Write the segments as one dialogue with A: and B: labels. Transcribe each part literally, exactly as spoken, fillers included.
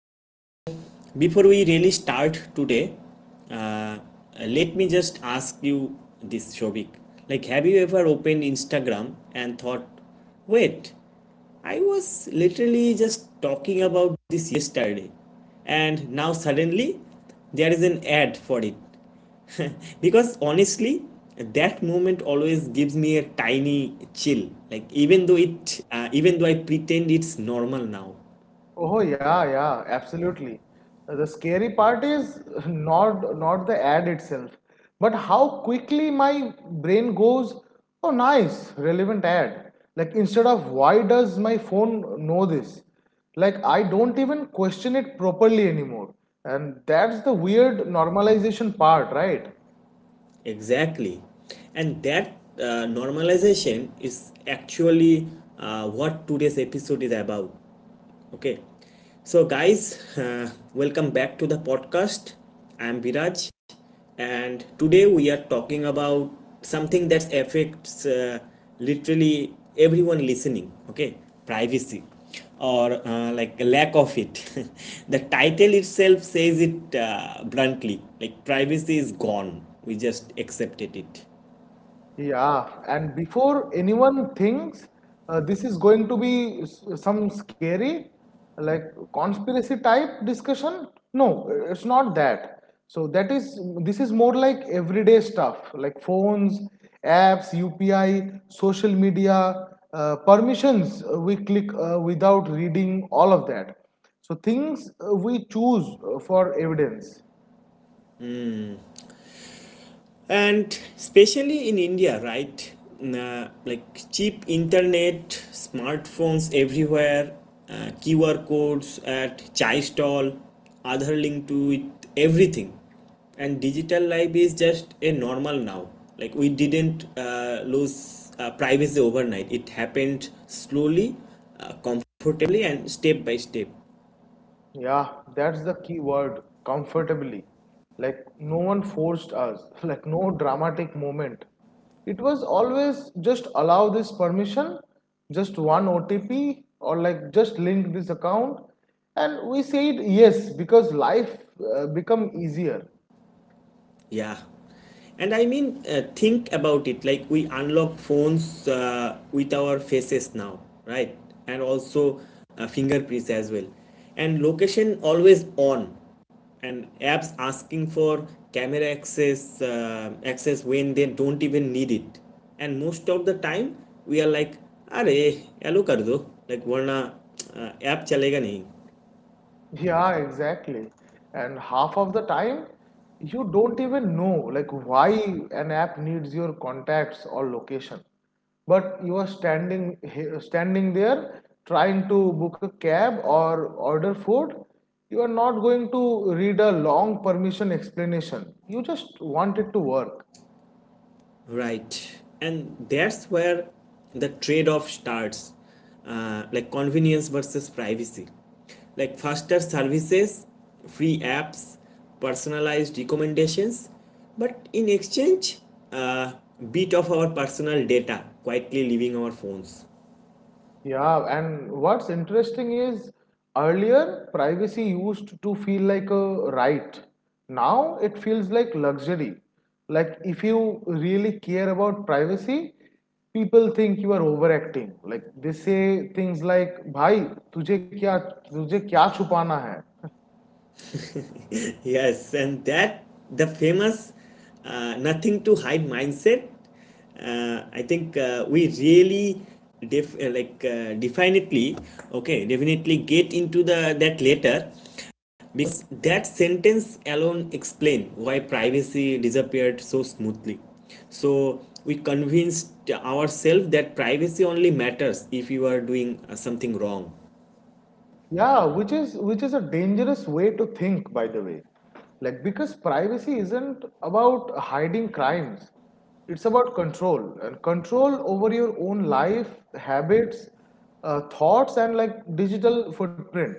A: okay. So before we really start today, uh, let me just ask you this, Shobik. Like, have you ever opened Instagram and thought, wait, I was literally just talking about this yesterday, and now suddenly there is an ad for it. Because honestly, that moment always gives me a tiny chill. Like even though it, uh, even though I pretend it's normal now.
B: Oh yeah, yeah, absolutely. The scary part is not not the ad itself, but how quickly my brain goes, oh nice, relevant ad. Like instead of why does my phone know this? Like I don't even question it properly anymore. And that's the weird normalization part, right?
A: Exactly. And that uh, normalization is actually uh, what today's episode is about. Okay, so guys, uh, welcome back to the podcast. I am Viraj, and today we are talking about something that affects uh, literally everyone listening. Okay, privacy or uh, like a lack of it. The title itself says it uh, bluntly, like privacy is gone, we just accepted it.
B: Yeah, and before anyone thinks uh, this is going to be s- some scary, like conspiracy type discussion, no, it's not that. So that is This is more like everyday stuff like phones, apps, U P I, social media, uh, permissions uh, we click uh, without reading all of that. So things uh, we choose uh, for evidence.
A: And especially in India, right? Nah, like cheap internet, smartphones everywhere, uh, QR codes at chai stall, other link to it, everything. And digital life is just a normal now. Like we didn't uh, lose uh, privacy overnight. It happened slowly, uh, comfortably, and step by step.
B: Yeah, that's the key word, comfortably. Like, no one forced us, like, no dramatic moment. It was always just allow this permission, just one O T P, or like just link this account. And we said yes because life uh, become easier.
A: Yeah. And I mean, uh, think about it. Like we unlock phones uh, with our faces now, right? And also uh, fingerprints as well. And location always on. And apps asking for camera access uh, access when they don't even need it. And most of the time, we are like, "अरे hello कर दो like वरना uh, app चलेगा नहीं."
B: Yeah, exactly. And half of the time, you don't even know like why an app needs your contacts or location. But you are standing he- standing there trying to book a cab or order food. You are not going to read a long permission explanation. You just want it to work.
A: Right. And that's where the trade off starts, uh, like convenience versus privacy. Like faster services, free apps, personalized recommendations, but in exchange, a uh, bit of our personal data quietly leaving our phones.
B: Yeah, and what's interesting is earlier privacy used to feel like a right. Now it feels like luxury. Like if you really care about privacy, people think you are overacting. Like they say things like, "भाई तुझे क्या तुझे क्या छुपाना है?"
A: Yes, and that, the famous uh, nothing to hide mindset. Uh, I think uh, we really def- uh, like uh, definitely okay, definitely get into the that later, because that sentence alone explain why privacy disappeared so smoothly. So we convinced ourselves that privacy only matters if you are doing uh, something wrong.
B: Yeah, which is which is a dangerous way to think, by the way. Like because privacy isn't about hiding crimes. It's about control and control over your own life, habits, uh, thoughts, and like digital footprint.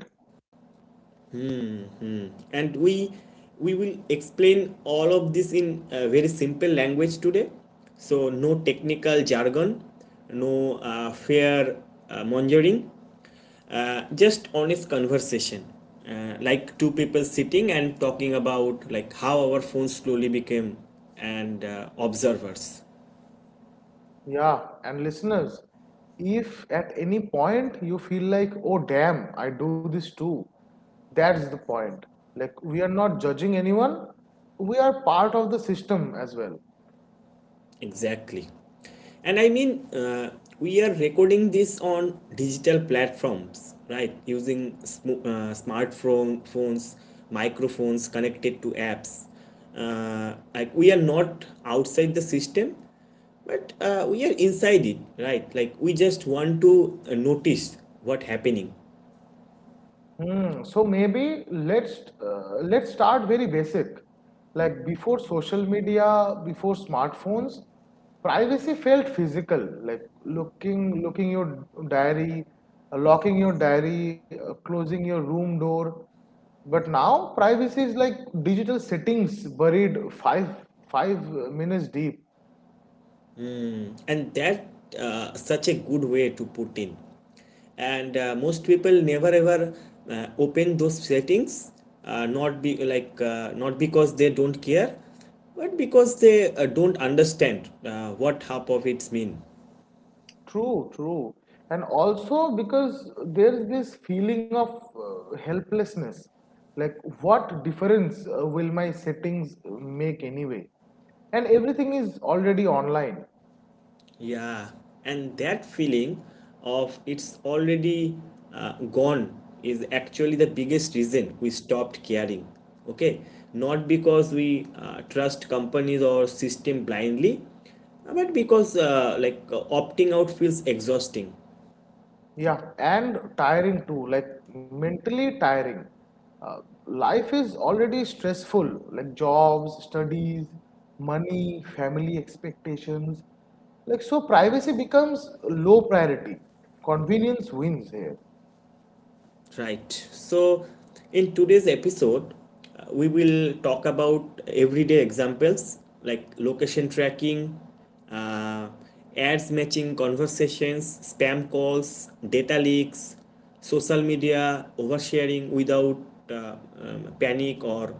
A: And we we will explain all of this in uh, very simple language today, so no technical jargon, no uh, fair uh, mongering, uh, just honest conversation, uh, like two people sitting and talking about like how our phones slowly became and uh, observers.
B: Yeah, and listeners, if at any point you feel like, oh damn, I do this too, that's the point. Like we are not judging anyone, we are part of the system as well.
A: Exactly. And I mean, uh, we are recording this on digital platforms, right? Using sm- uh, smartphone phones, microphones connected to apps. Uh, like we are not outside the system, but uh, we are inside it, right? Like we just want to uh, notice what happening.
B: Hmm, so maybe let's uh, let's start very basic. Like before social media, before smartphones, privacy felt physical. Like looking looking your diary, uh, locking your diary, uh, closing your room door. But now privacy is like digital settings buried five five minutes deep.
A: And that, uh, such a good way to put in. And uh, most people never ever uh, open those settings, uh, not be like uh, not because they don't care, but because they uh, don't understand uh, what half of it's mean.
B: True, true. And also because there's this feeling of uh, helplessness. Like, what difference uh, will my settings make anyway? And everything is already online.
A: Yeah, and that feeling of it's already uh, gone is actually the biggest reason we stopped caring. Okay, not because we uh, trust companies or system blindly, uh, but because uh, like uh, opting out feels exhausting.
B: Yeah, and tiring too, like mentally tiring. Uh, life is already stressful, like jobs, studies, money, family expectations. Like, so privacy becomes low priority. Convenience wins here.
A: Right. So, in today's episode, uh, we will talk about everyday examples like location tracking, uh, ads matching conversations, spam calls, data leaks, social media oversharing without uh, um, panic or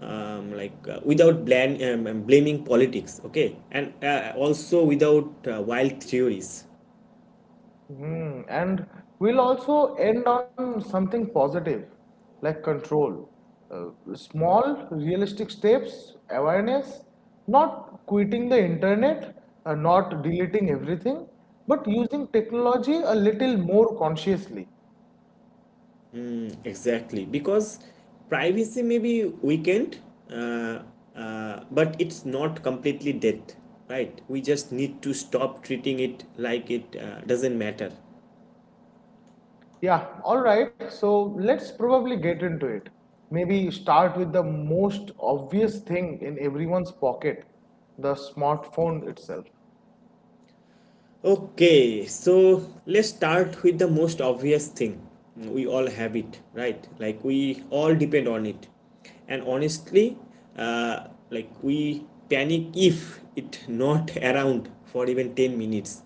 A: um, like uh, without blan- um, um, blaming politics. Okay, and uh, also without uh, wild theories.
B: Hmm, and we'll also end on something positive, like control. Uh, small, realistic steps, awareness, not quitting the internet, uh, not deleting everything, but using technology a little more consciously.
A: Exactly, because privacy may be weakened, uh, uh, but it's not completely dead, right? We just need to stop treating it like it uh, doesn't matter.
B: Yeah, all right, so let's probably get into it. Maybe start with the most obvious thing in everyone's pocket, the smartphone itself.
A: Okay, so let's start with the most obvious thing. We all have it, right? Like we all depend on it. And honestly, uh, like we panic if it not around for even ten minutes,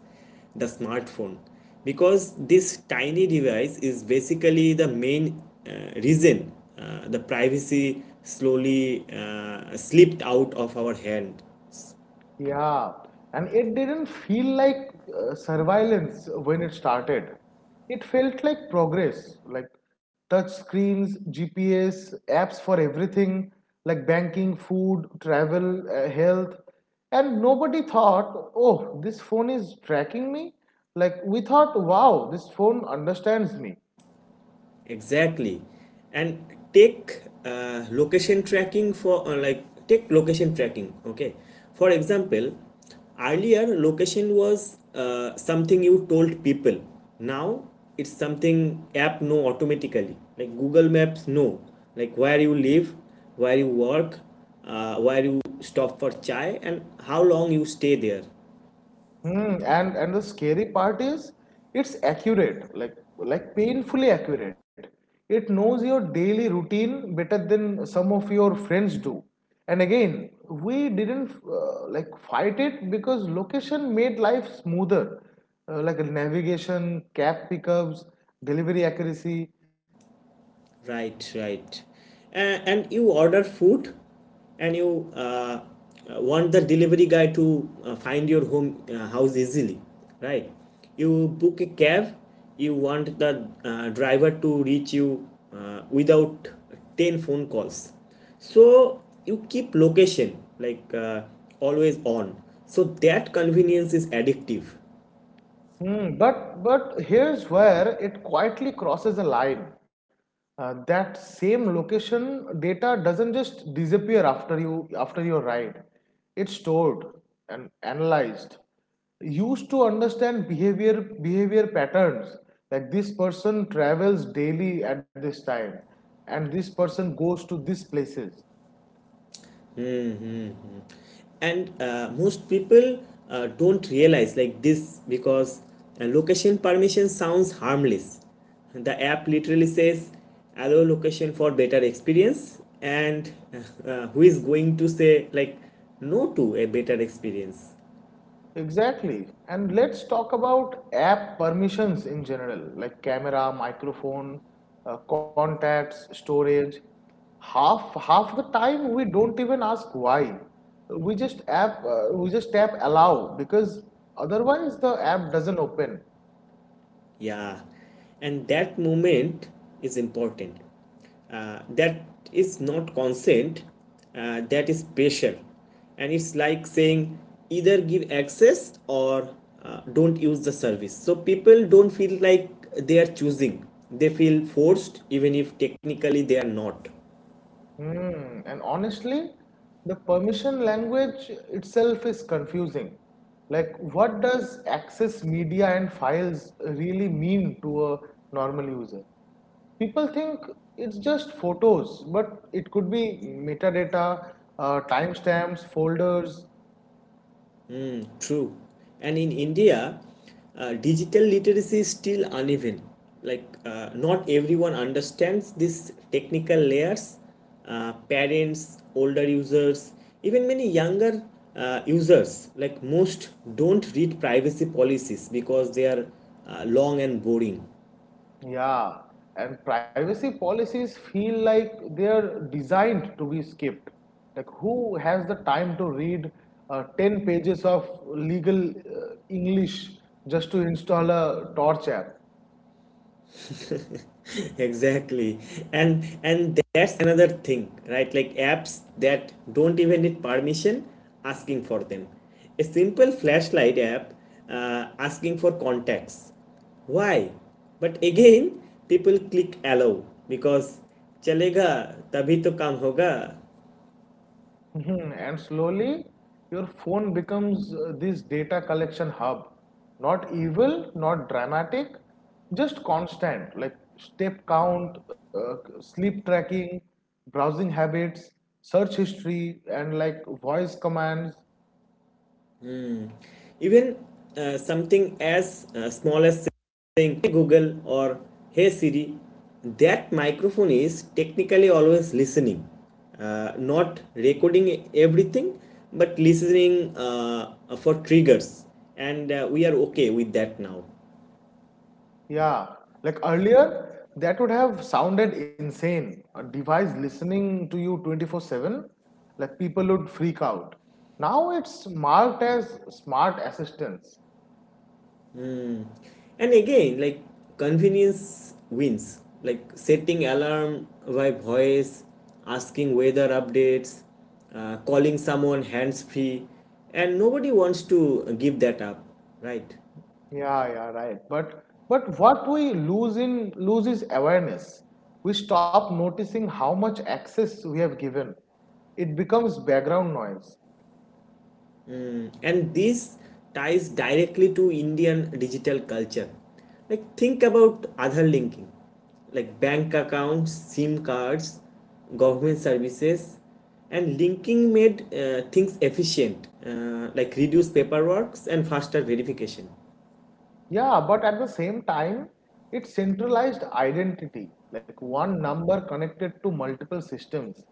A: the smartphone. Because this tiny device is basically the main uh, reason uh, the privacy slowly uh, slipped out of our hands.
B: Yeah, and it didn't feel like uh, surveillance when it started. It felt like progress, like touch screens, G P S, apps for everything, like banking, food, travel, uh, health. And nobody thought, oh, this phone is tracking me. Like we thought, wow, this phone understands me.
A: Exactly. And take uh, location tracking for uh, like take location tracking. Okay. For example, earlier location was uh, something you told people. Now it's something app know automatically. Like Google Maps know like where you live, where you work, uh, where you stop for chai, and how long you stay there.
B: Hmm, and and the scary part is it's accurate, like like painfully accurate. It knows your daily routine better than some of your friends do. And again, we didn't uh, like fight it because location made life smoother, uh, like navigation, cab pickups, delivery accuracy.
A: Right, right. And, and you order food and you uh, uh, want the delivery guy to uh, find your home uh, house easily, right? You book a cab, you want the uh, driver to reach you uh, without ten phone calls. So you keep location like uh, always on. So that convenience is addictive.
B: Hmm, but but here's where it quietly crosses a line. Uh, that same location data doesn't just disappear after you after your ride. It's stored and analyzed, used to understand behavior behavior patterns. Like this person travels daily at this time, and this person goes to these places.
A: Hmm. And uh, most people uh, don't realize like this, because uh, location permission sounds harmless. The app literally says, allow location for better experience. And uh, uh, who is going to say like no to a better experience?
B: Exactly. And let's talk about app permissions in general, like camera, microphone, uh, contacts, storage. Half half the time we don't even ask why. We just app uh, we just tap allow because otherwise the app doesn't open.
A: Yeah, and that moment is important. Uh, that is not consent, uh, that is pressure. And it's like saying, either give access or uh, don't use the service. So people don't feel like they are choosing, they feel forced, even if technically they are not.
B: Hmm, and honestly, the permission language itself is confusing. Like, what does access media and files really mean to a normal user? People think it's just photos, but it could be metadata, uh, timestamps, folders.
A: Mm, true. And in India, uh, digital literacy is still uneven. Like, uh, not everyone understands these technical layers. Uh, parents, older users, even many younger uh, users, like most, don't read privacy policies because they are uh, long and boring.
B: Yeah, and privacy policies feel like they're designed to be skipped. Like, who has the time to read uh, ten pages of legal uh, English just to install a torch app?
A: Exactly. and and that's another thing, right? Like apps that don't even need permission asking for them. A simple flashlight app uh, asking for contacts, why? But again, people click allow because चलेगा तभी तो काम होगा.
B: Mhm. And slowly, your phone becomes uh, this data collection hub. Not evil, not dramatic, just constant, like step count, uh, sleep tracking, browsing habits, search history, and like voice commands.
A: Even uh, something as uh, small as saying "Hey Google" or "Hey Siri," that microphone is technically always listening, uh, not recording everything, but listening uh, for triggers. And uh, we are okay with that now.
B: Yeah, like earlier, that would have sounded insane. A device listening to you twenty four seven, like people would freak out. Now it's marked as smart assistants.
A: And again, like convenience wins, like setting alarm by voice, asking weather updates, uh, calling someone hands free. And nobody wants to give that up, right?
B: Yeah, yeah, right. But but what we lose in lose is awareness. We stop noticing how much access we have given. It becomes background noise.
A: Mm, and this ties directly to Indian digital culture. Like think about other linking, like bank accounts, SIM cards, government services. And linking made uh, things efficient, uh, like reduce paperwork and faster verification.
B: Yeah, but at the same time, it centralized identity, like one number connected to multiple systems.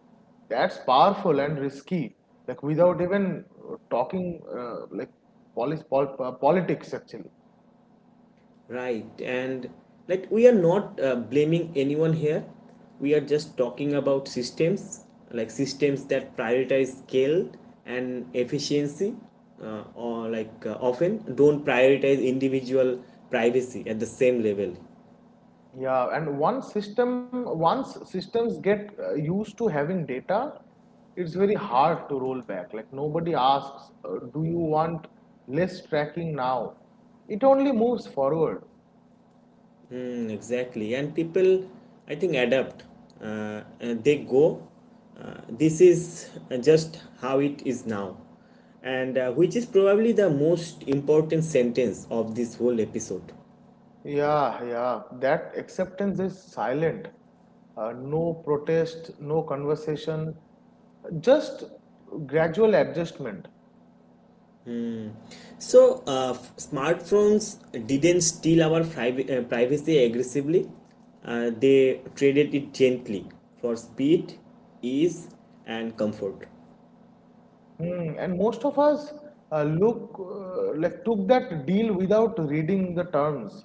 B: That's powerful and risky. Like without even uh, talking, uh, like polis pol- uh, politics actually.
A: Right. And like we are not uh, blaming anyone here. We are just talking about systems, like systems that prioritize scale and efficiency, uh, or like uh, often don't prioritize individual privacy at the same level.
B: Yeah, and once system once systems get uh, used to having data, it's very hard to roll back. Like nobody asks, uh, do you want less tracking now? It only moves forward.
A: Mm, exactly. And people, I think, adapt. Uh, uh, they go, uh, this is uh, just how it is now. And uh, which is probably the most important sentence of this whole episode.
B: Yeah, yeah, that acceptance is silent. Uh, no protest, no conversation, just gradual adjustment.
A: So, uh, f- smartphones didn't steal our priv- uh, privacy aggressively, uh, they traded it gently for speed, ease, and comfort.
B: Hmm. And most of us uh, look uh, like took that deal without reading the terms.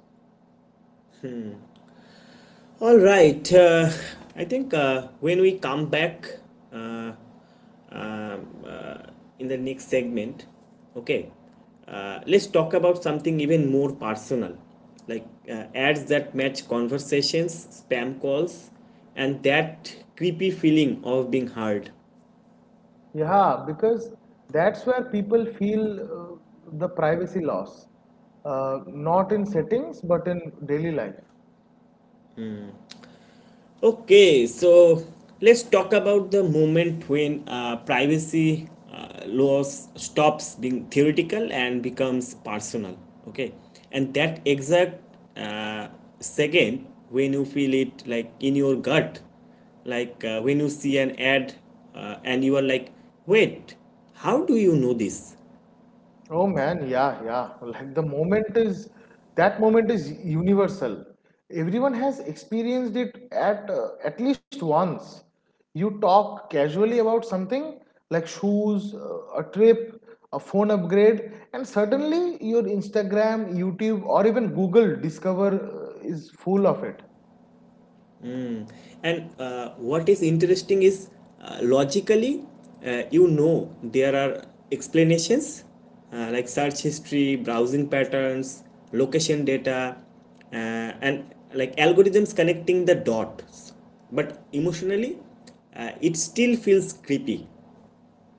A: All right. Uh, I think uh, when we come back, uh, um, uh, in the next segment, okay, uh, let's talk about something even more personal, like uh, ads that match conversations, spam calls, and that creepy feeling of being heard.
B: Yeah, because that's where people feel uh, the privacy loss. Uh, not in settings, but in daily life.
A: Okay, so let's talk about the moment when uh, privacy uh, laws stops being theoretical and becomes personal. Okay, and that exact uh, second when you feel it like in your gut, like uh, when you see an ad uh, and you are like, wait, how do you know this?
B: Oh man, yeah, yeah. Like the moment is, that moment is universal. Everyone has experienced it at uh, at least once. You talk casually about something like shoes, uh, a trip, a phone upgrade, and suddenly your Instagram, YouTube, or even Google Discover uh, is full of it.
A: Mm. And uh, what is interesting is uh, logically, uh, you know, there are explanations uh, like search history, browsing patterns, location data, uh, and like algorithms connecting the dots. But emotionally, uh, it still feels creepy.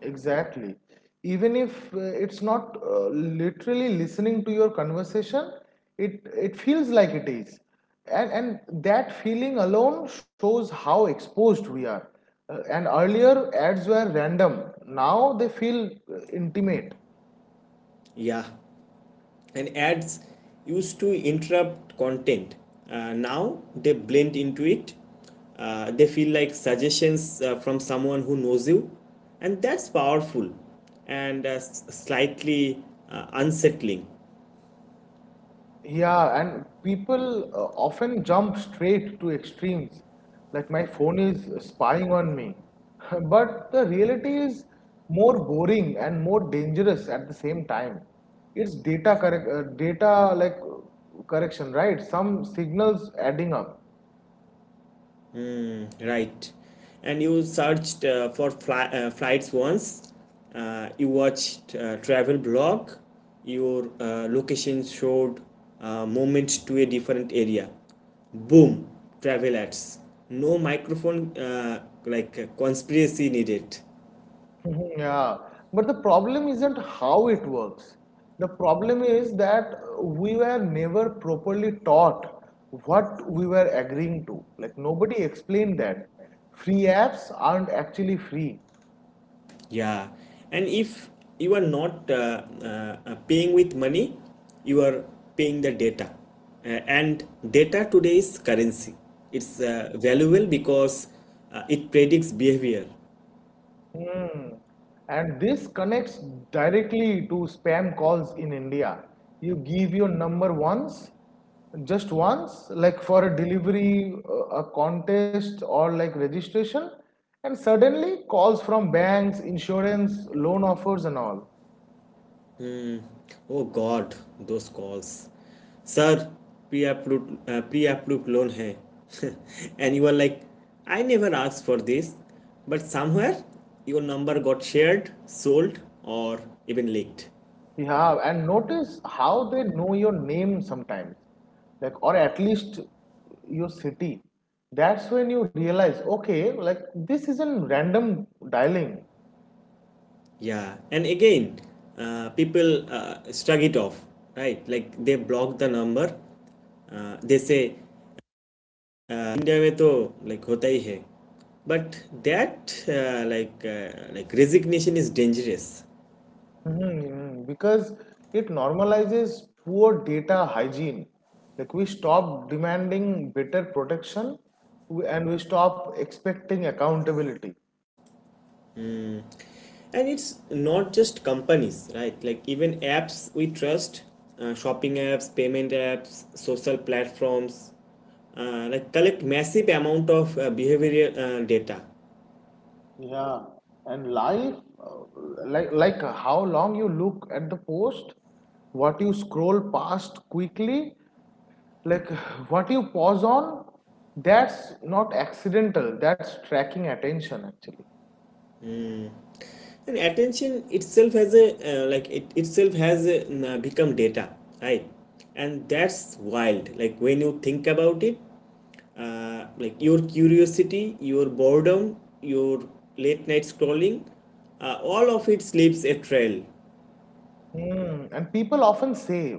B: Exactly. Even if uh, it's not uh, literally listening to your conversation, it it feels like it is, and and that feeling alone shows how exposed we are. Uh, and earlier ads were random. Now they feel uh, intimate.
A: Yeah. And ads used to interrupt content, uh, now they blend into it. Uh, they feel like suggestions uh, from someone who knows you. And that's powerful and uh, slightly uh, unsettling.
B: Yeah, and people uh, often jump straight to extremes, like my phone is spying on me. But the reality is more boring and more dangerous at the same time. It's data correct, uh, data like uh, correction, right? Some signals adding up.
A: Mm, right. And you searched uh, for fly, uh, flights once. Uh, you watched uh, travel blog. Your uh, location showed uh, movement to a different area. Boom, travel ads. No microphone, uh, like uh, conspiracy needed.
B: Mhm. Yeah, but the problem isn't how it works. The problem is that we were never properly taught what we were agreeing to. Like nobody explained that. Free apps aren't actually free.
A: Yeah, and if you are not uh, uh, uh, paying with money, you are paying the data. Uh, and data today is currency. It's uh, valuable because uh, it predicts behavior.
B: Hmm. And this connects directly to spam calls in India. You give your number once, just once, like for a delivery, uh, a contest, or like registration, and suddenly calls from banks, insurance, loan offers, and all.
A: Oh God, those calls. Sir, pre-approved, uh, pre-approved loan hai. And you are like, I never asked for this. But somewhere your number got shared, sold, or even leaked.
B: Yeah, and notice how they know your name sometimes, like, or at least your city. That's when you realize, okay, like, this isn't random dialing.
A: Yeah, and again, uh, people uh, shrug it off, right? Like they block the number. Uh, they say uh, India में तो like होता ही है, but that uh, like uh, like resignation is dangerous.
B: Mm-hmm, because it normalizes poor data hygiene. Like we stop demanding better protection w- and we stop expecting accountability.
A: And it's not just companies, right? Like even apps we trust, uh, shopping apps, payment apps, social platforms, uh, like collect massive amount of uh, behavioral uh, data.
B: Yeah, and life. Uh, Like, like how long you look at the post, what you scroll past quickly, like what you pause on, that's not accidental, that's tracking attention actually.
A: And attention itself has a uh, like it itself has a, uh, become data, right? And that's wild. Like when you think about it, uh, like your curiosity, your boredom, your late night scrolling, uh, all of it leaves a trail.
B: Mm, and people often say,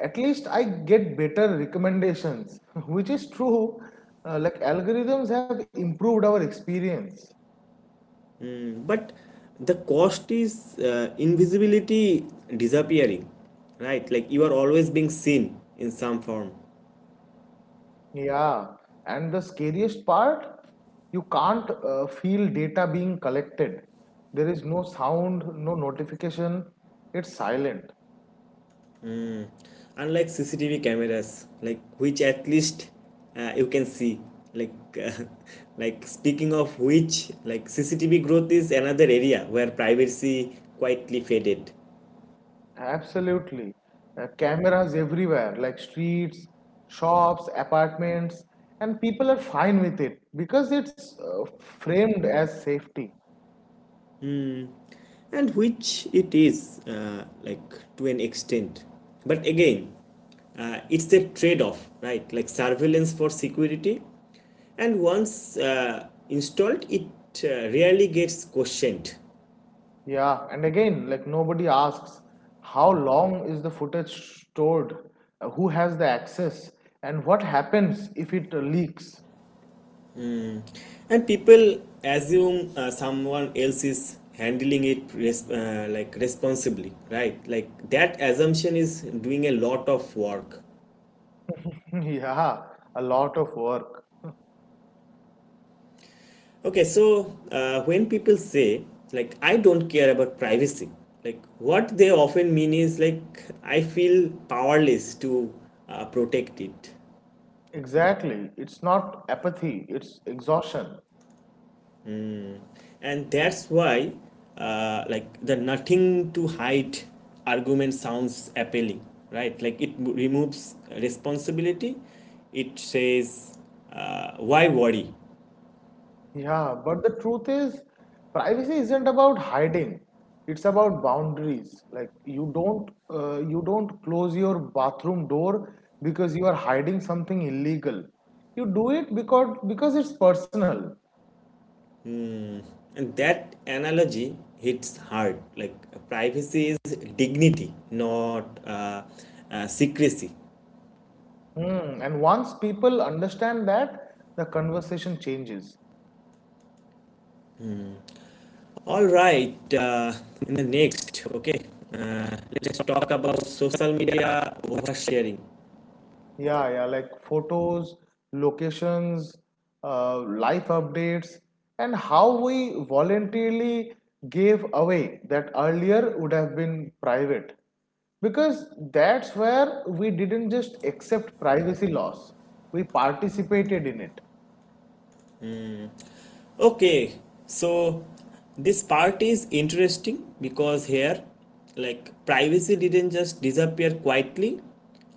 B: at least I get better recommendations, which is true. Uh, like algorithms have improved our experience.
A: Mm, but the cost is uh, invisibility disappearing, right? Like you are always being seen in some form.
B: Yeah, and the scariest part, you can't uh, feel data being collected. There is no sound, no notification, it's silent.
A: Unlike CCTV cameras, like which at least uh, you can see like uh, like speaking of which, like CCTV growth is another area where privacy quietly faded.
B: Absolutely. Uh, cameras everywhere, like streets, shops, apartments, and people are fine with it because it's uh, framed as safety.
A: Mm. And which it is, uh, like, to an extent, but again, uh, it's a trade-off, right? Like surveillance for security. And once uh, installed, it uh, rarely gets questioned.
B: Yeah, and again, like nobody asks how long is the footage stored, uh, who has the access, and what happens if it uh, leaks.
A: And people assume uh, someone else is handling it res- uh, like, responsibly, right? Like that assumption is doing a lot of work.
B: Yeah, a lot of work.
A: Okay, so uh, when people say, like, I don't care about privacy, like, what they often mean is, like, I feel powerless to uh, protect it.
B: Exactly. It's not apathy, it's exhaustion.
A: And that's why, uh, like, the nothing to hide argument sounds appealing, right? Like it removes responsibility. It says, uh, why worry?
B: Yeah, but the truth is, privacy isn't about hiding. It's about boundaries. Like you don't uh, you don't close your bathroom door because you are hiding something illegal. You do it because because it's personal.
A: And that analogy hits hard. Like privacy is dignity, not uh, uh, secrecy.
B: Hmm. And once people understand that, the conversation changes.
A: All right, uh, in the next, okay, uh, let's talk about social media oversharing.
B: Yeah, yeah, like photos, locations, uh, life updates, and how we voluntarily gave away that earlier would have been private. Because that's where we didn't just accept privacy loss, we participated in it.
A: Okay, so this part is interesting because here, like, privacy didn't just disappear quietly,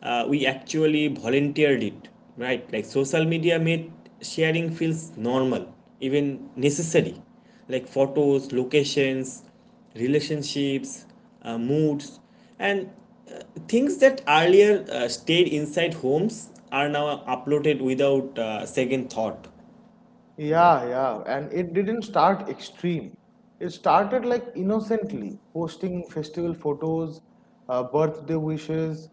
A: uh, we actually volunteered it, right? Like, social media made sharing feels normal, even necessary, like photos, locations, relationships, uh, moods, and uh, things that earlier uh, stayed inside homes are now uploaded without uh, second thought.
B: Yeah, yeah, and it didn't start extreme. It started like innocently, posting festival photos, uh, birthday wishes,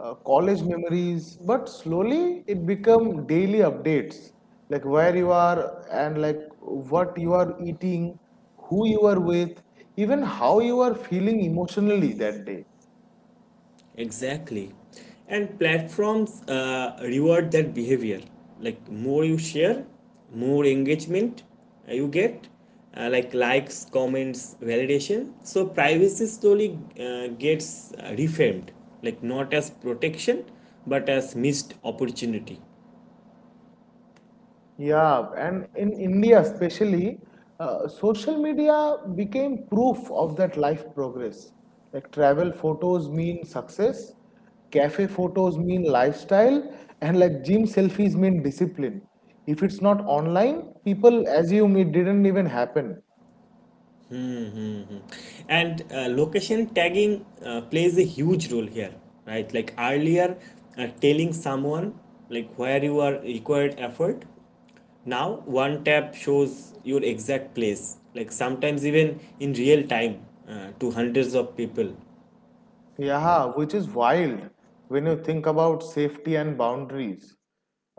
B: uh, college memories, but slowly it became daily updates, like where you are and like what you are eating, who you are with, even how you are feeling emotionally that day.
A: Exactly. And platforms uh, reward that behavior. Like, more you share, more engagement uh, you get, uh, like likes, comments, validation. So privacy slowly uh, gets uh, reframed, like not as protection, but as missed opportunity.
B: Yeah, and in India especially, uh, social media became proof of that life progress. Like travel photos mean success, cafe photos mean lifestyle, and like gym selfies mean discipline. If it's not online, people assume it didn't even happen.
A: Mm-hmm. And uh, location tagging uh, plays a huge role here, right? Like earlier, uh, telling someone like where you are required effort. Now, one tap shows your exact place, like sometimes even in real time uh, to hundreds of people.
B: Yeah, which is wild when you think about safety and boundaries.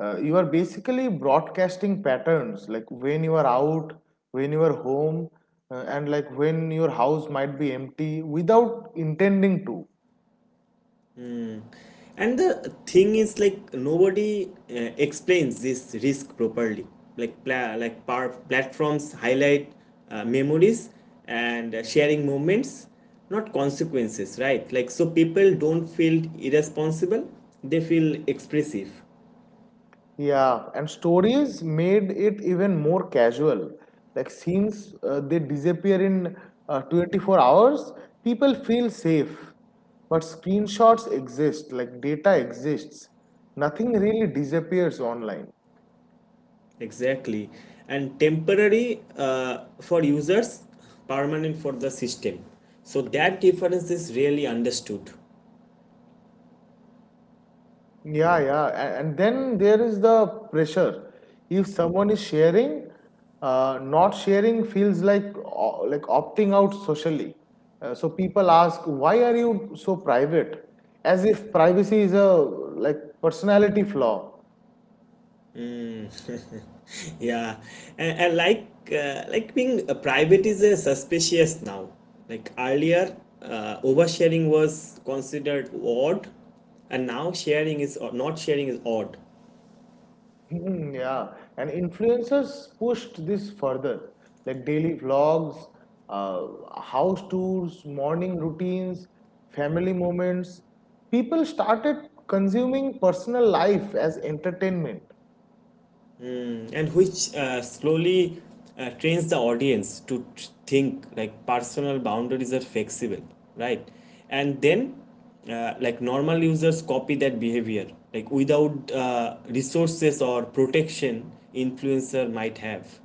B: Uh, you are basically broadcasting patterns like when you are out, when you are home, uh, and like when your house might be empty without intending to.
A: And the thing is, like nobody uh, explains this risk properly. Like pla- like par- platforms highlight uh, memories and uh, sharing moments, not consequences, right? Like, so people don't feel irresponsible; they feel expressive.
B: Yeah, and stories made it even more casual. Like since uh, they disappear in uh, twenty four hours, people feel safe. But screenshots exist, like data exists. Nothing really disappears online.
A: Exactly, and temporary uh, for users, permanent for the system. So that difference is really understood.
B: Yeah, yeah. a- And then there is the pressure. If someone is sharing, uh, not sharing feels like o- like opting out socially. Uh, so people ask, why are you so private? As if privacy is a like personality flaw.
A: Yeah, and, and like uh, like being uh, private is uh, suspicious now. Like earlier, uh, oversharing was considered odd, and now sharing is, or not sharing is odd,
B: Hmm, yeah, and influencers pushed this further, like daily vlogs, uh, house tours, morning routines, family moments. People started consuming personal life as entertainment.
A: and which uh, slowly uh, trains the audience to t- think, like, personal boundaries are flexible, right? And then, uh, like, normal users copy that behavior like without uh, resources or protection influencer might have.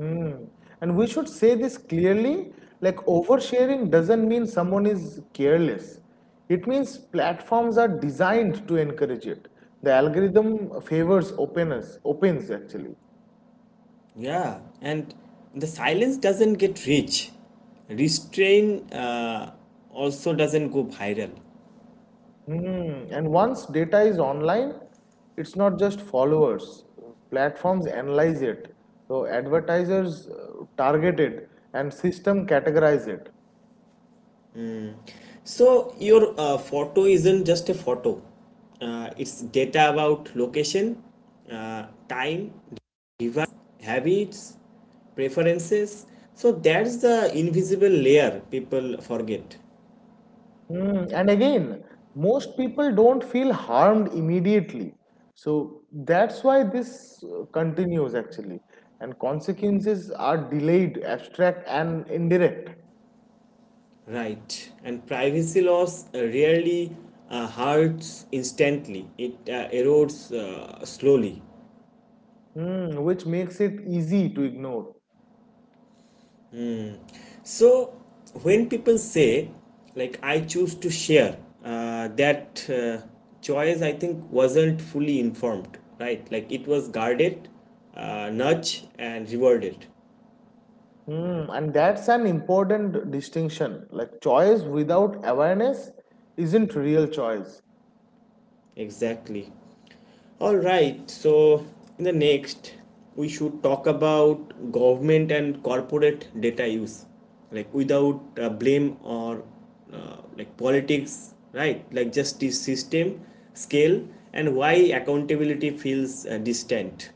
B: Hmm. And we should say this clearly, like oversharing doesn't mean someone is careless. It means platforms are designed to encourage it. The algorithm favors openness, opens actually.
A: Yeah, and the silence doesn't get rich. Restrain uh, also doesn't go viral.
B: Mm, and once data is online, it's not just followers. Platforms analyze it. So advertisers uh, target it and system categorize it.
A: So your uh, photo isn't just a photo. Uh, it's data about location, uh, time, device, habits, preferences. So that's the invisible layer people forget.
B: Mm, and again, most people don't feel harmed immediately. So that's why this uh, continues actually. And consequences are delayed, abstract, and indirect.
A: Right. And privacy loss uh, really uh, hurts instantly. It uh, erodes uh, slowly.
B: Mm, which makes it easy to ignore.
A: So when people say, like, I choose to share, uh, that uh, choice, I think, wasn't fully informed, right? Like it was guarded, uh, nudged, and rewarded.
B: Hmm, and that's an important distinction. Like choice without awareness isn't real choice.
A: Exactly. All right. So in the next, we should talk about government and corporate data use, like without uh, blame or uh, like politics, right? Like justice system, scale, and why accountability feels uh, distant.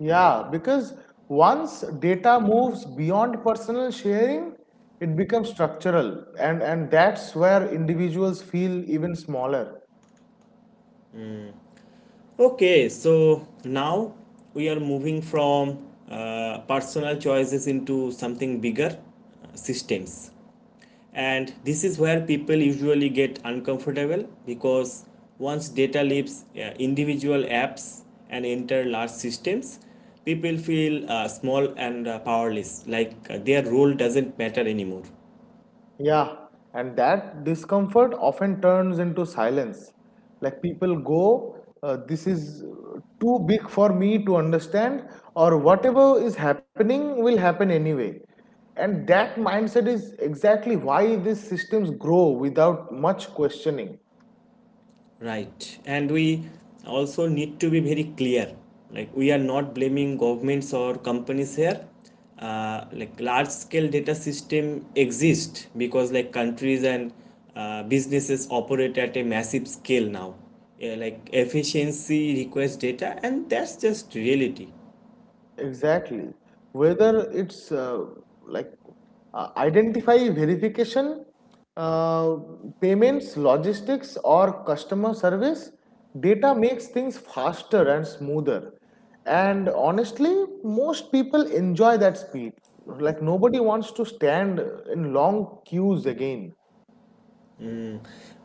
B: Yeah, because once data moves beyond personal sharing, it becomes structural, and and that's where individuals feel even smaller.
A: Okay, so now we are moving from uh, personal choices into something bigger, uh, systems. And this is where people usually get uncomfortable because once data leaves uh, individual apps and enter large systems, people feel uh, small and uh, powerless, like uh, their role doesn't matter anymore.
B: Yeah, and that discomfort often turns into silence. Like people go, uh, this is too big for me to understand, or whatever is happening will happen anyway. And that mindset is exactly why these systems grow without much questioning.
A: Right. And we also need to be very clear. Like we are not blaming governments or companies here. Uh, like large scale data system exist because, like, countries and uh, businesses operate at a massive scale now. Yeah, like efficiency requires data, and that's just reality.
B: Exactly. Whether it's uh, like uh, identify verification, uh, payments, logistics, or customer service, data makes things faster and smoother. And honestly, most people enjoy that speed. Like nobody wants to stand in long queues again.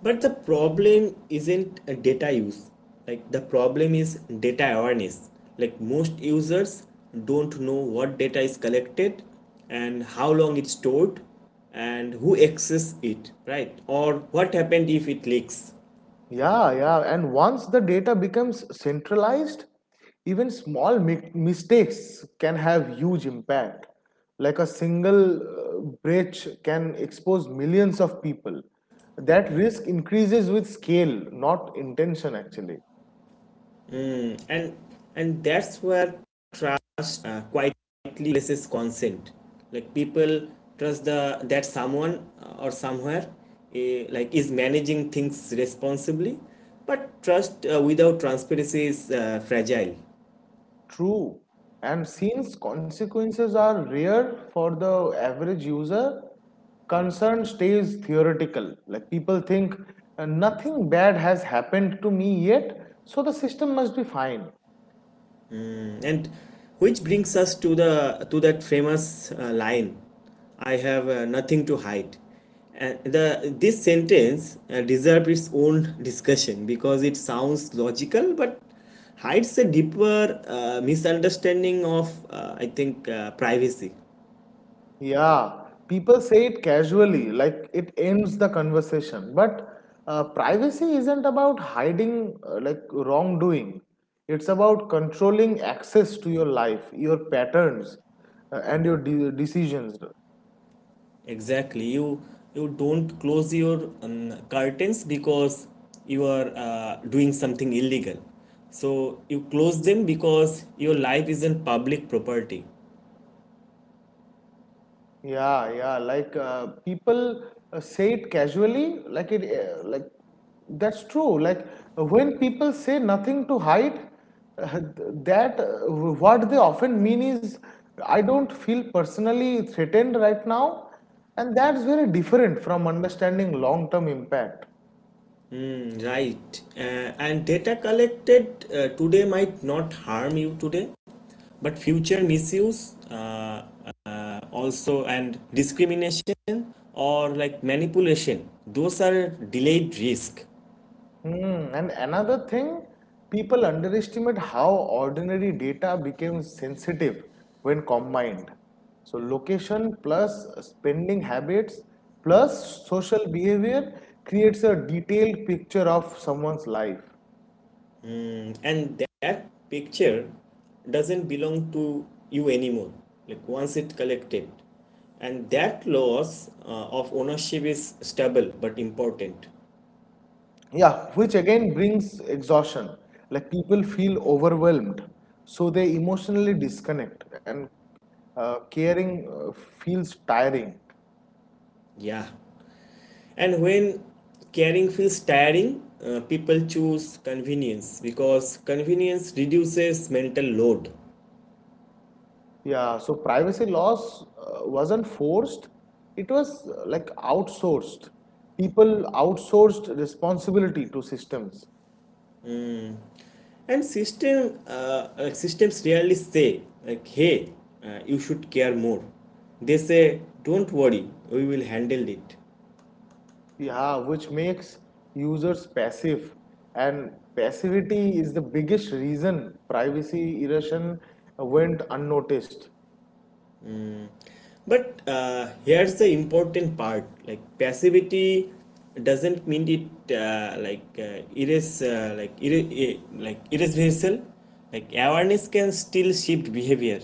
A: But the problem isn't uh, data use. Like the problem is data awareness. Like most users don't know what data is collected and how long it's stored and who access it, right, or what happened if it leaks.
B: Yeah, yeah. And once the data becomes centralized, even small mi- mistakes can have huge impact. Like a single uh, breach can expose millions of people. That risk increases with scale, not intention, actually.
A: Mm, and and that's where trust uh, quietly replaces consent. Like people trust the that someone, uh, or somewhere, eh, like, is managing things responsibly, but trust uh, without transparency is uh, fragile.
B: True. And since consequences are rare for the average user, concern stays theoretical. Like people think, "Uh, nothing bad has happened to me yet, so the system must be fine."
A: And which brings us to the to that famous uh, line, "I have uh, nothing to hide." And the this sentence uh, deserves its own discussion because it sounds logical but hides a deeper uh, misunderstanding of, uh, I think, uh, privacy.
B: Yeah, people say it casually, like it ends the conversation. But uh, privacy isn't about hiding uh, like wrongdoing. It's about controlling access to your life, your patterns, uh, and your de- decisions.
A: Exactly, you you don't close your um, curtains because you are uh, doing something illegal. So you close them because your life isn't public property.
B: Yeah, yeah. Like uh, people uh, say it casually, like it, uh, like that's true. Like uh, when people say nothing to hide, uh, th- that uh, what they often mean is, I don't feel personally threatened right now, and that's very different from understanding long-term impact.
A: Right. Uh, and data collected uh, today might not harm you today, but future misuse, uh, uh, also, and discrimination or, like, manipulation, those are delayed risk.
B: Mm, and another thing, people underestimate how ordinary data becomes sensitive when combined. So, location plus spending habits plus social behavior creates a detailed picture of someone's life.
A: Mm, and that picture doesn't belong to you anymore, like once it collected. And that loss uh, of ownership is stable but important.
B: Yeah, which again brings exhaustion. Like people feel overwhelmed, so they emotionally disconnect, and uh, caring uh, feels tiring.
A: Yeah. And when caring feels tiring, uh, people choose convenience because convenience reduces mental load.
B: Yeah, so privacy laws uh, wasn't forced, it was uh, like outsourced. People outsourced responsibility to systems.
A: And system, uh, like, systems rarely say, like, "Hey, uh, you should care more." They say, "Don't worry, we will handle it."
B: Yeah, which makes users passive. And passivity is the biggest reason privacy erosion went unnoticed.
A: But uh, here's the important part: like passivity doesn't mean it, uh, like, uh, erase, uh, like, ir- like, irreversible. Like awareness can still shift behavior.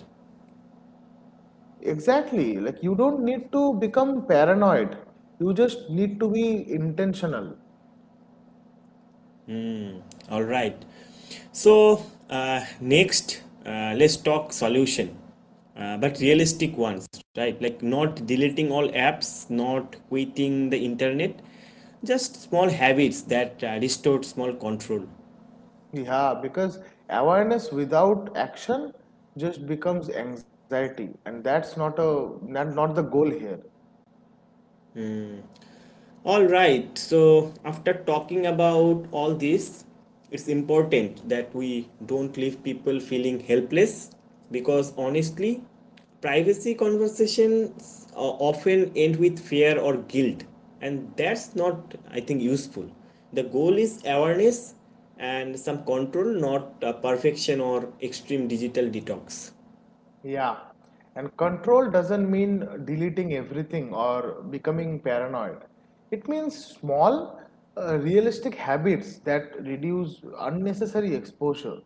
B: Exactly, like you don't need to become paranoid, you just need to be intentional.
A: All right, so, uh, next, uh, let's talk solution, uh, but realistic ones, right? Like not deleting all apps, not quitting the internet, just small habits that uh, restore small control.
B: Yeah, because awareness without action just becomes anxiety, and that's not a not, not the goal here.
A: All right, so after talking about all this, it's important that we don't leave people feeling helpless because honestly, privacy conversations uh, often end with fear or guilt, and that's not, I think, useful. The goal is awareness and some control, not uh, perfection or extreme digital detox.
B: Yeah, and control doesn't mean deleting everything or becoming paranoid. It means small, uh, realistic habits that reduce unnecessary exposure,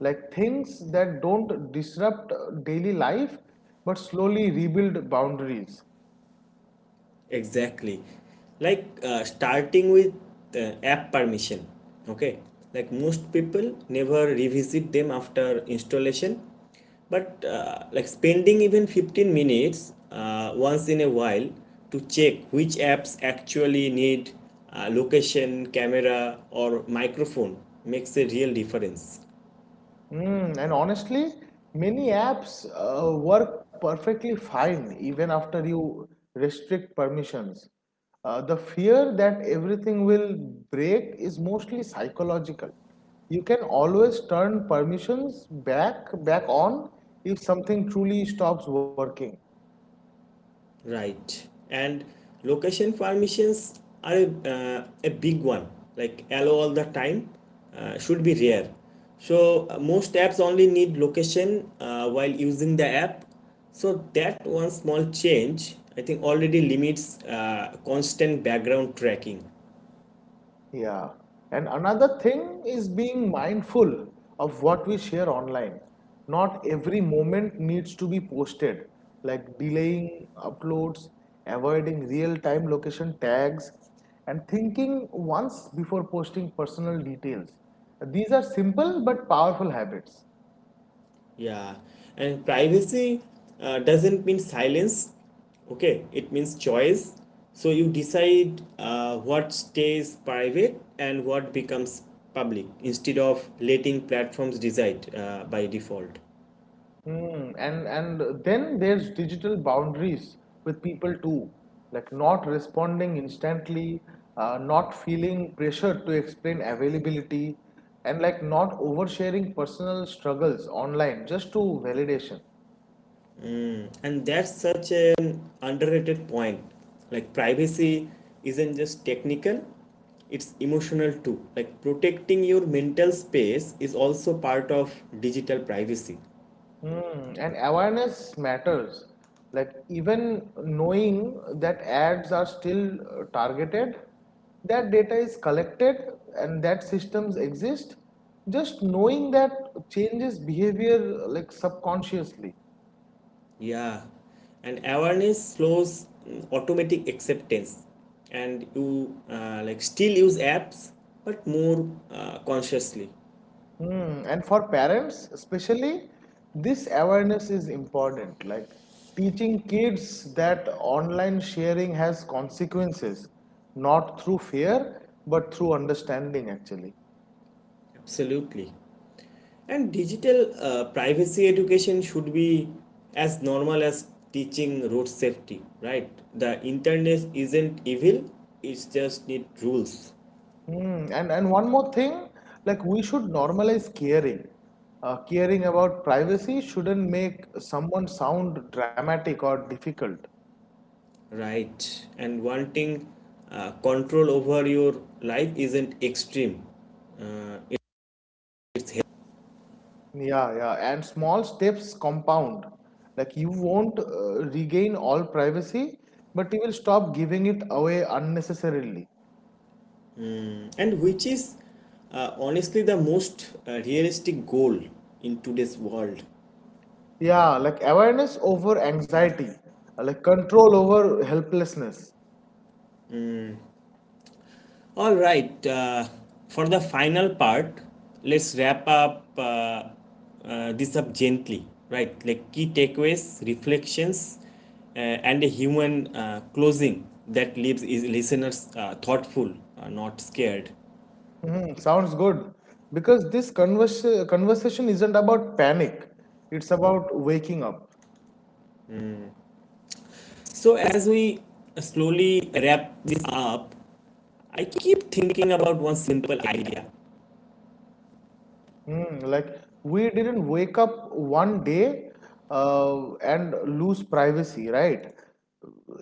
B: like things that don't disrupt uh, daily life but slowly rebuild boundaries.
A: Exactly. Like, uh, starting with uh, app permission. Okay. Like most people never revisit them after installation. But uh, like, spending even 15 minutes uh, once in a while to check which apps actually need uh, location, camera, or microphone makes a real difference.
B: Mm, and honestly, many apps uh, work perfectly fine even after you restrict permissions. Uh, the fear that everything will break is mostly psychological. You can always turn permissions back back on if something truly stops working.
A: Right. And location permissions are a, uh, a big one. Like allow all the time uh, should be rare. So uh, most apps only need location uh, while using the app. So that one small change, I think, already limits uh, constant background tracking.
B: Yeah. And another thing is being mindful of what we share online. Not every moment needs to be posted, like delaying uploads, avoiding real-time location tags, and thinking once before posting personal details. These are simple but powerful habits.
A: Yeah, and privacy uh, doesn't mean silence. Okay, it means choice. So you decide uh, what stays private and what becomes public instead of letting platforms decide uh, by default.
B: Mm, and and then there's digital boundaries with people too, like not responding instantly, uh, not feeling pressure to explain availability, and like not oversharing personal struggles online just to validation.
A: And that's such an underrated point. Like privacy isn't just technical, it's emotional too. Like protecting your mental space is also part of digital privacy.
B: Mm, and awareness matters. Like even knowing that ads are still uh, targeted, that data is collected and that systems exist, just knowing that changes behavior uh, like subconsciously.
A: Yeah, and awareness slows mm, automatic acceptance, and you uh, like still use apps, but more uh, consciously.
B: Mm, and for parents especially, this awareness is important. Like teaching kids that online sharing has consequences, not through fear, but through understanding actually.
A: Absolutely, and digital uh, privacy education should be as normal as teaching road safety. Right, the internet isn't evil; it's just need rules.
B: Mm, and and one more thing, like we should normalize caring. Uh, caring about privacy shouldn't make someone sound dramatic or difficult.
A: Right, and wanting uh, control over your life isn't extreme; it's
B: Yeah, yeah. And small steps compound. Like you won't uh, regain all privacy, but you will stop giving it away unnecessarily.
A: and which is, uh, honestly, the most uh, realistic goal in today's world.
B: Yeah, like awareness over anxiety, uh, like control over helplessness.
A: All right, uh, for the final part, let's wrap up, uh, uh, this up gently, right? Like key takeaways, reflections, uh, and a human uh, closing that leaves is listeners uh, thoughtful, uh, not scared.
B: Mhm, sounds good. Because this convers conversation isn't about panic, it's about waking up.
A: So as we, uh, slowly wrap this up, I keep thinking about one simple idea.
B: Mm, like we didn't wake up one day uh, and lose privacy, right?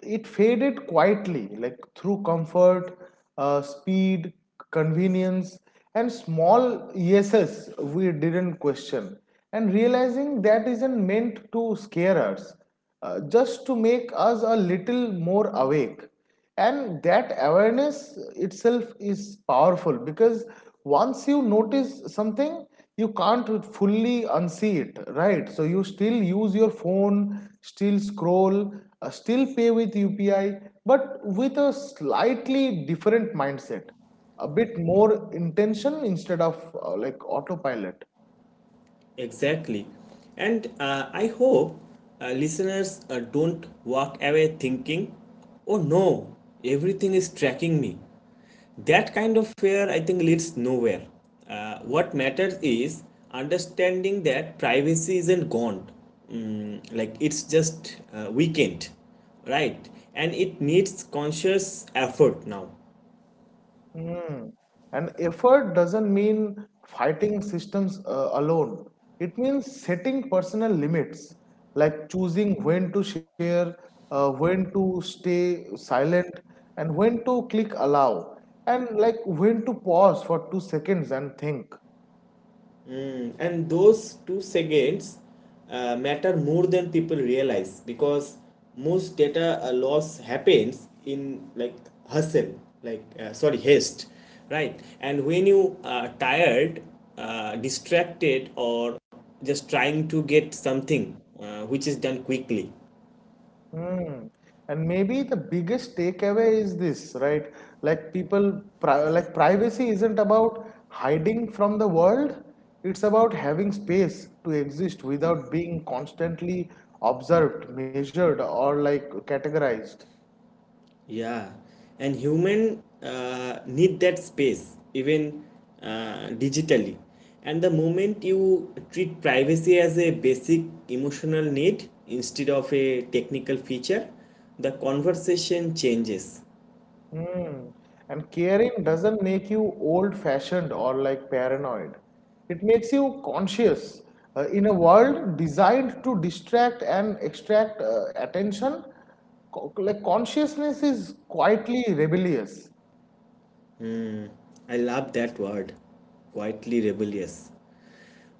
B: It faded quietly, like through comfort, uh, speed, convenience, and small yeses we didn't question. And realizing that isn't meant to scare us, uh, just to make us a little more awake, and that awareness itself is powerful because once you notice something you can't fully unsee it, right? So you still use your phone, still scroll, uh, still pay with upi, but with a slightly different mindset, a bit more intention instead of uh, like autopilot.
A: Exactly. And, uh, I hope uh, listeners uh, don't walk away thinking, oh no, everything is tracking me. That kind of fear, I think, leads nowhere. Uh, what matters is understanding that privacy isn't gone, Mm, like, it's just uh, weakened, right? And it needs conscious effort now.
B: Hmm. And effort doesn't mean fighting systems uh, alone. It means setting personal limits, like choosing when to share, uh, when to stay silent, and when to click allow, and like when to pause for two seconds and think.
A: Time, and those two seconds uh, matter more than people realize because most data uh, loss happens in, like, hustle, like, uh, sorry, haste, right? And when you are tired, uh, distracted, or just trying to get something, uh, which is done quickly.
B: Hmm. And maybe the biggest takeaway is this, right? Like people, pri like privacy isn't about hiding from the world. It's about having space to exist without being constantly observed, measured, or like categorized.
A: Yeah, and human uh, need that space even uh, digitally. And the moment you treat privacy as a basic emotional need instead of a technical feature, the conversation changes.
B: Mm. And caring doesn't make you old-fashioned or like paranoid. It makes you conscious. Uh, in a world designed to distract and extract uh, attention, co- like consciousness is quietly rebellious.
A: I love that word, quietly rebellious.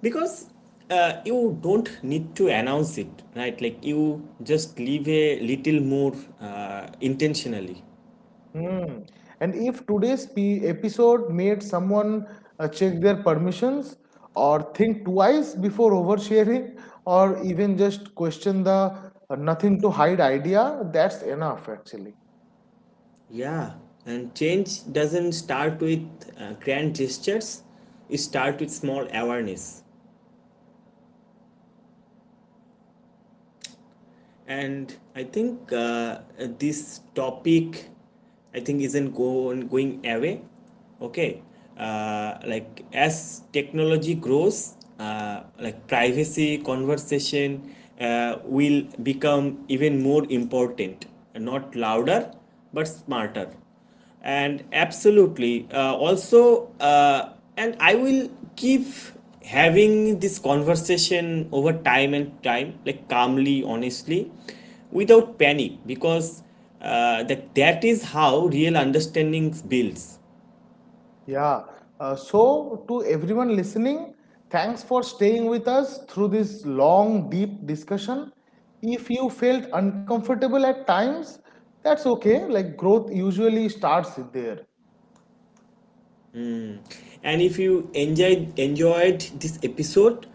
A: Because, uh, you don't need to announce it, right? Like you just leave a little more uh, intentionally.
B: Mm. And if today's pe- episode made someone uh, check their permissions or think twice before oversharing or even just question the uh, nothing to hide idea, that's enough actually.
A: Yeah, and change doesn't start with uh, grand gestures, it starts with small awareness. And I think, uh, this topic, I think, isn't going, going away. Okay, uh, like, as technology grows, uh, like, privacy conversation uh, will become even more important, not louder, but smarter, and absolutely, uh, also, uh, and I will keep having this conversation over time and time, like, calmly, honestly, without panic because, uh, that, that is how real understanding builds.
B: Yeah. Uh, so, to everyone listening, thanks for staying with us through this long, deep discussion. If you felt uncomfortable at times, that's okay. Like, growth usually starts there.
A: And if you enjoyed enjoyed this episode,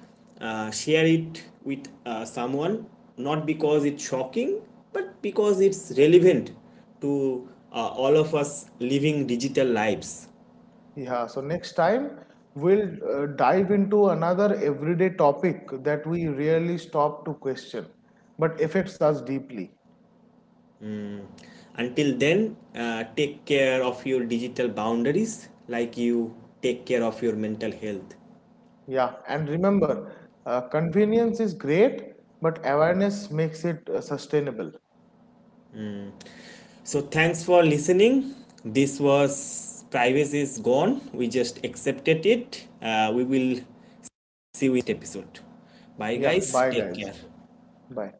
A: uh, share it with uh, someone. Not because it's shocking, but because it's relevant to uh, all of us living digital lives.
B: Yeah. So, next time, we'll uh, dive into another everyday topic that we rarely stop to question, but affects us deeply.
A: Until then, uh, take care of your digital boundaries like you take care of your mental health.
B: Yeah. And remember, uh, convenience is great, but awareness makes it uh, sustainable.
A: So, thanks for listening. This was Privacy is Gone. We just accepted it. Uh, we will see you in the next episode. Bye,
B: Yeah,
A: guys.
B: bye
A: Take
B: guys.
A: care.
B: Bye.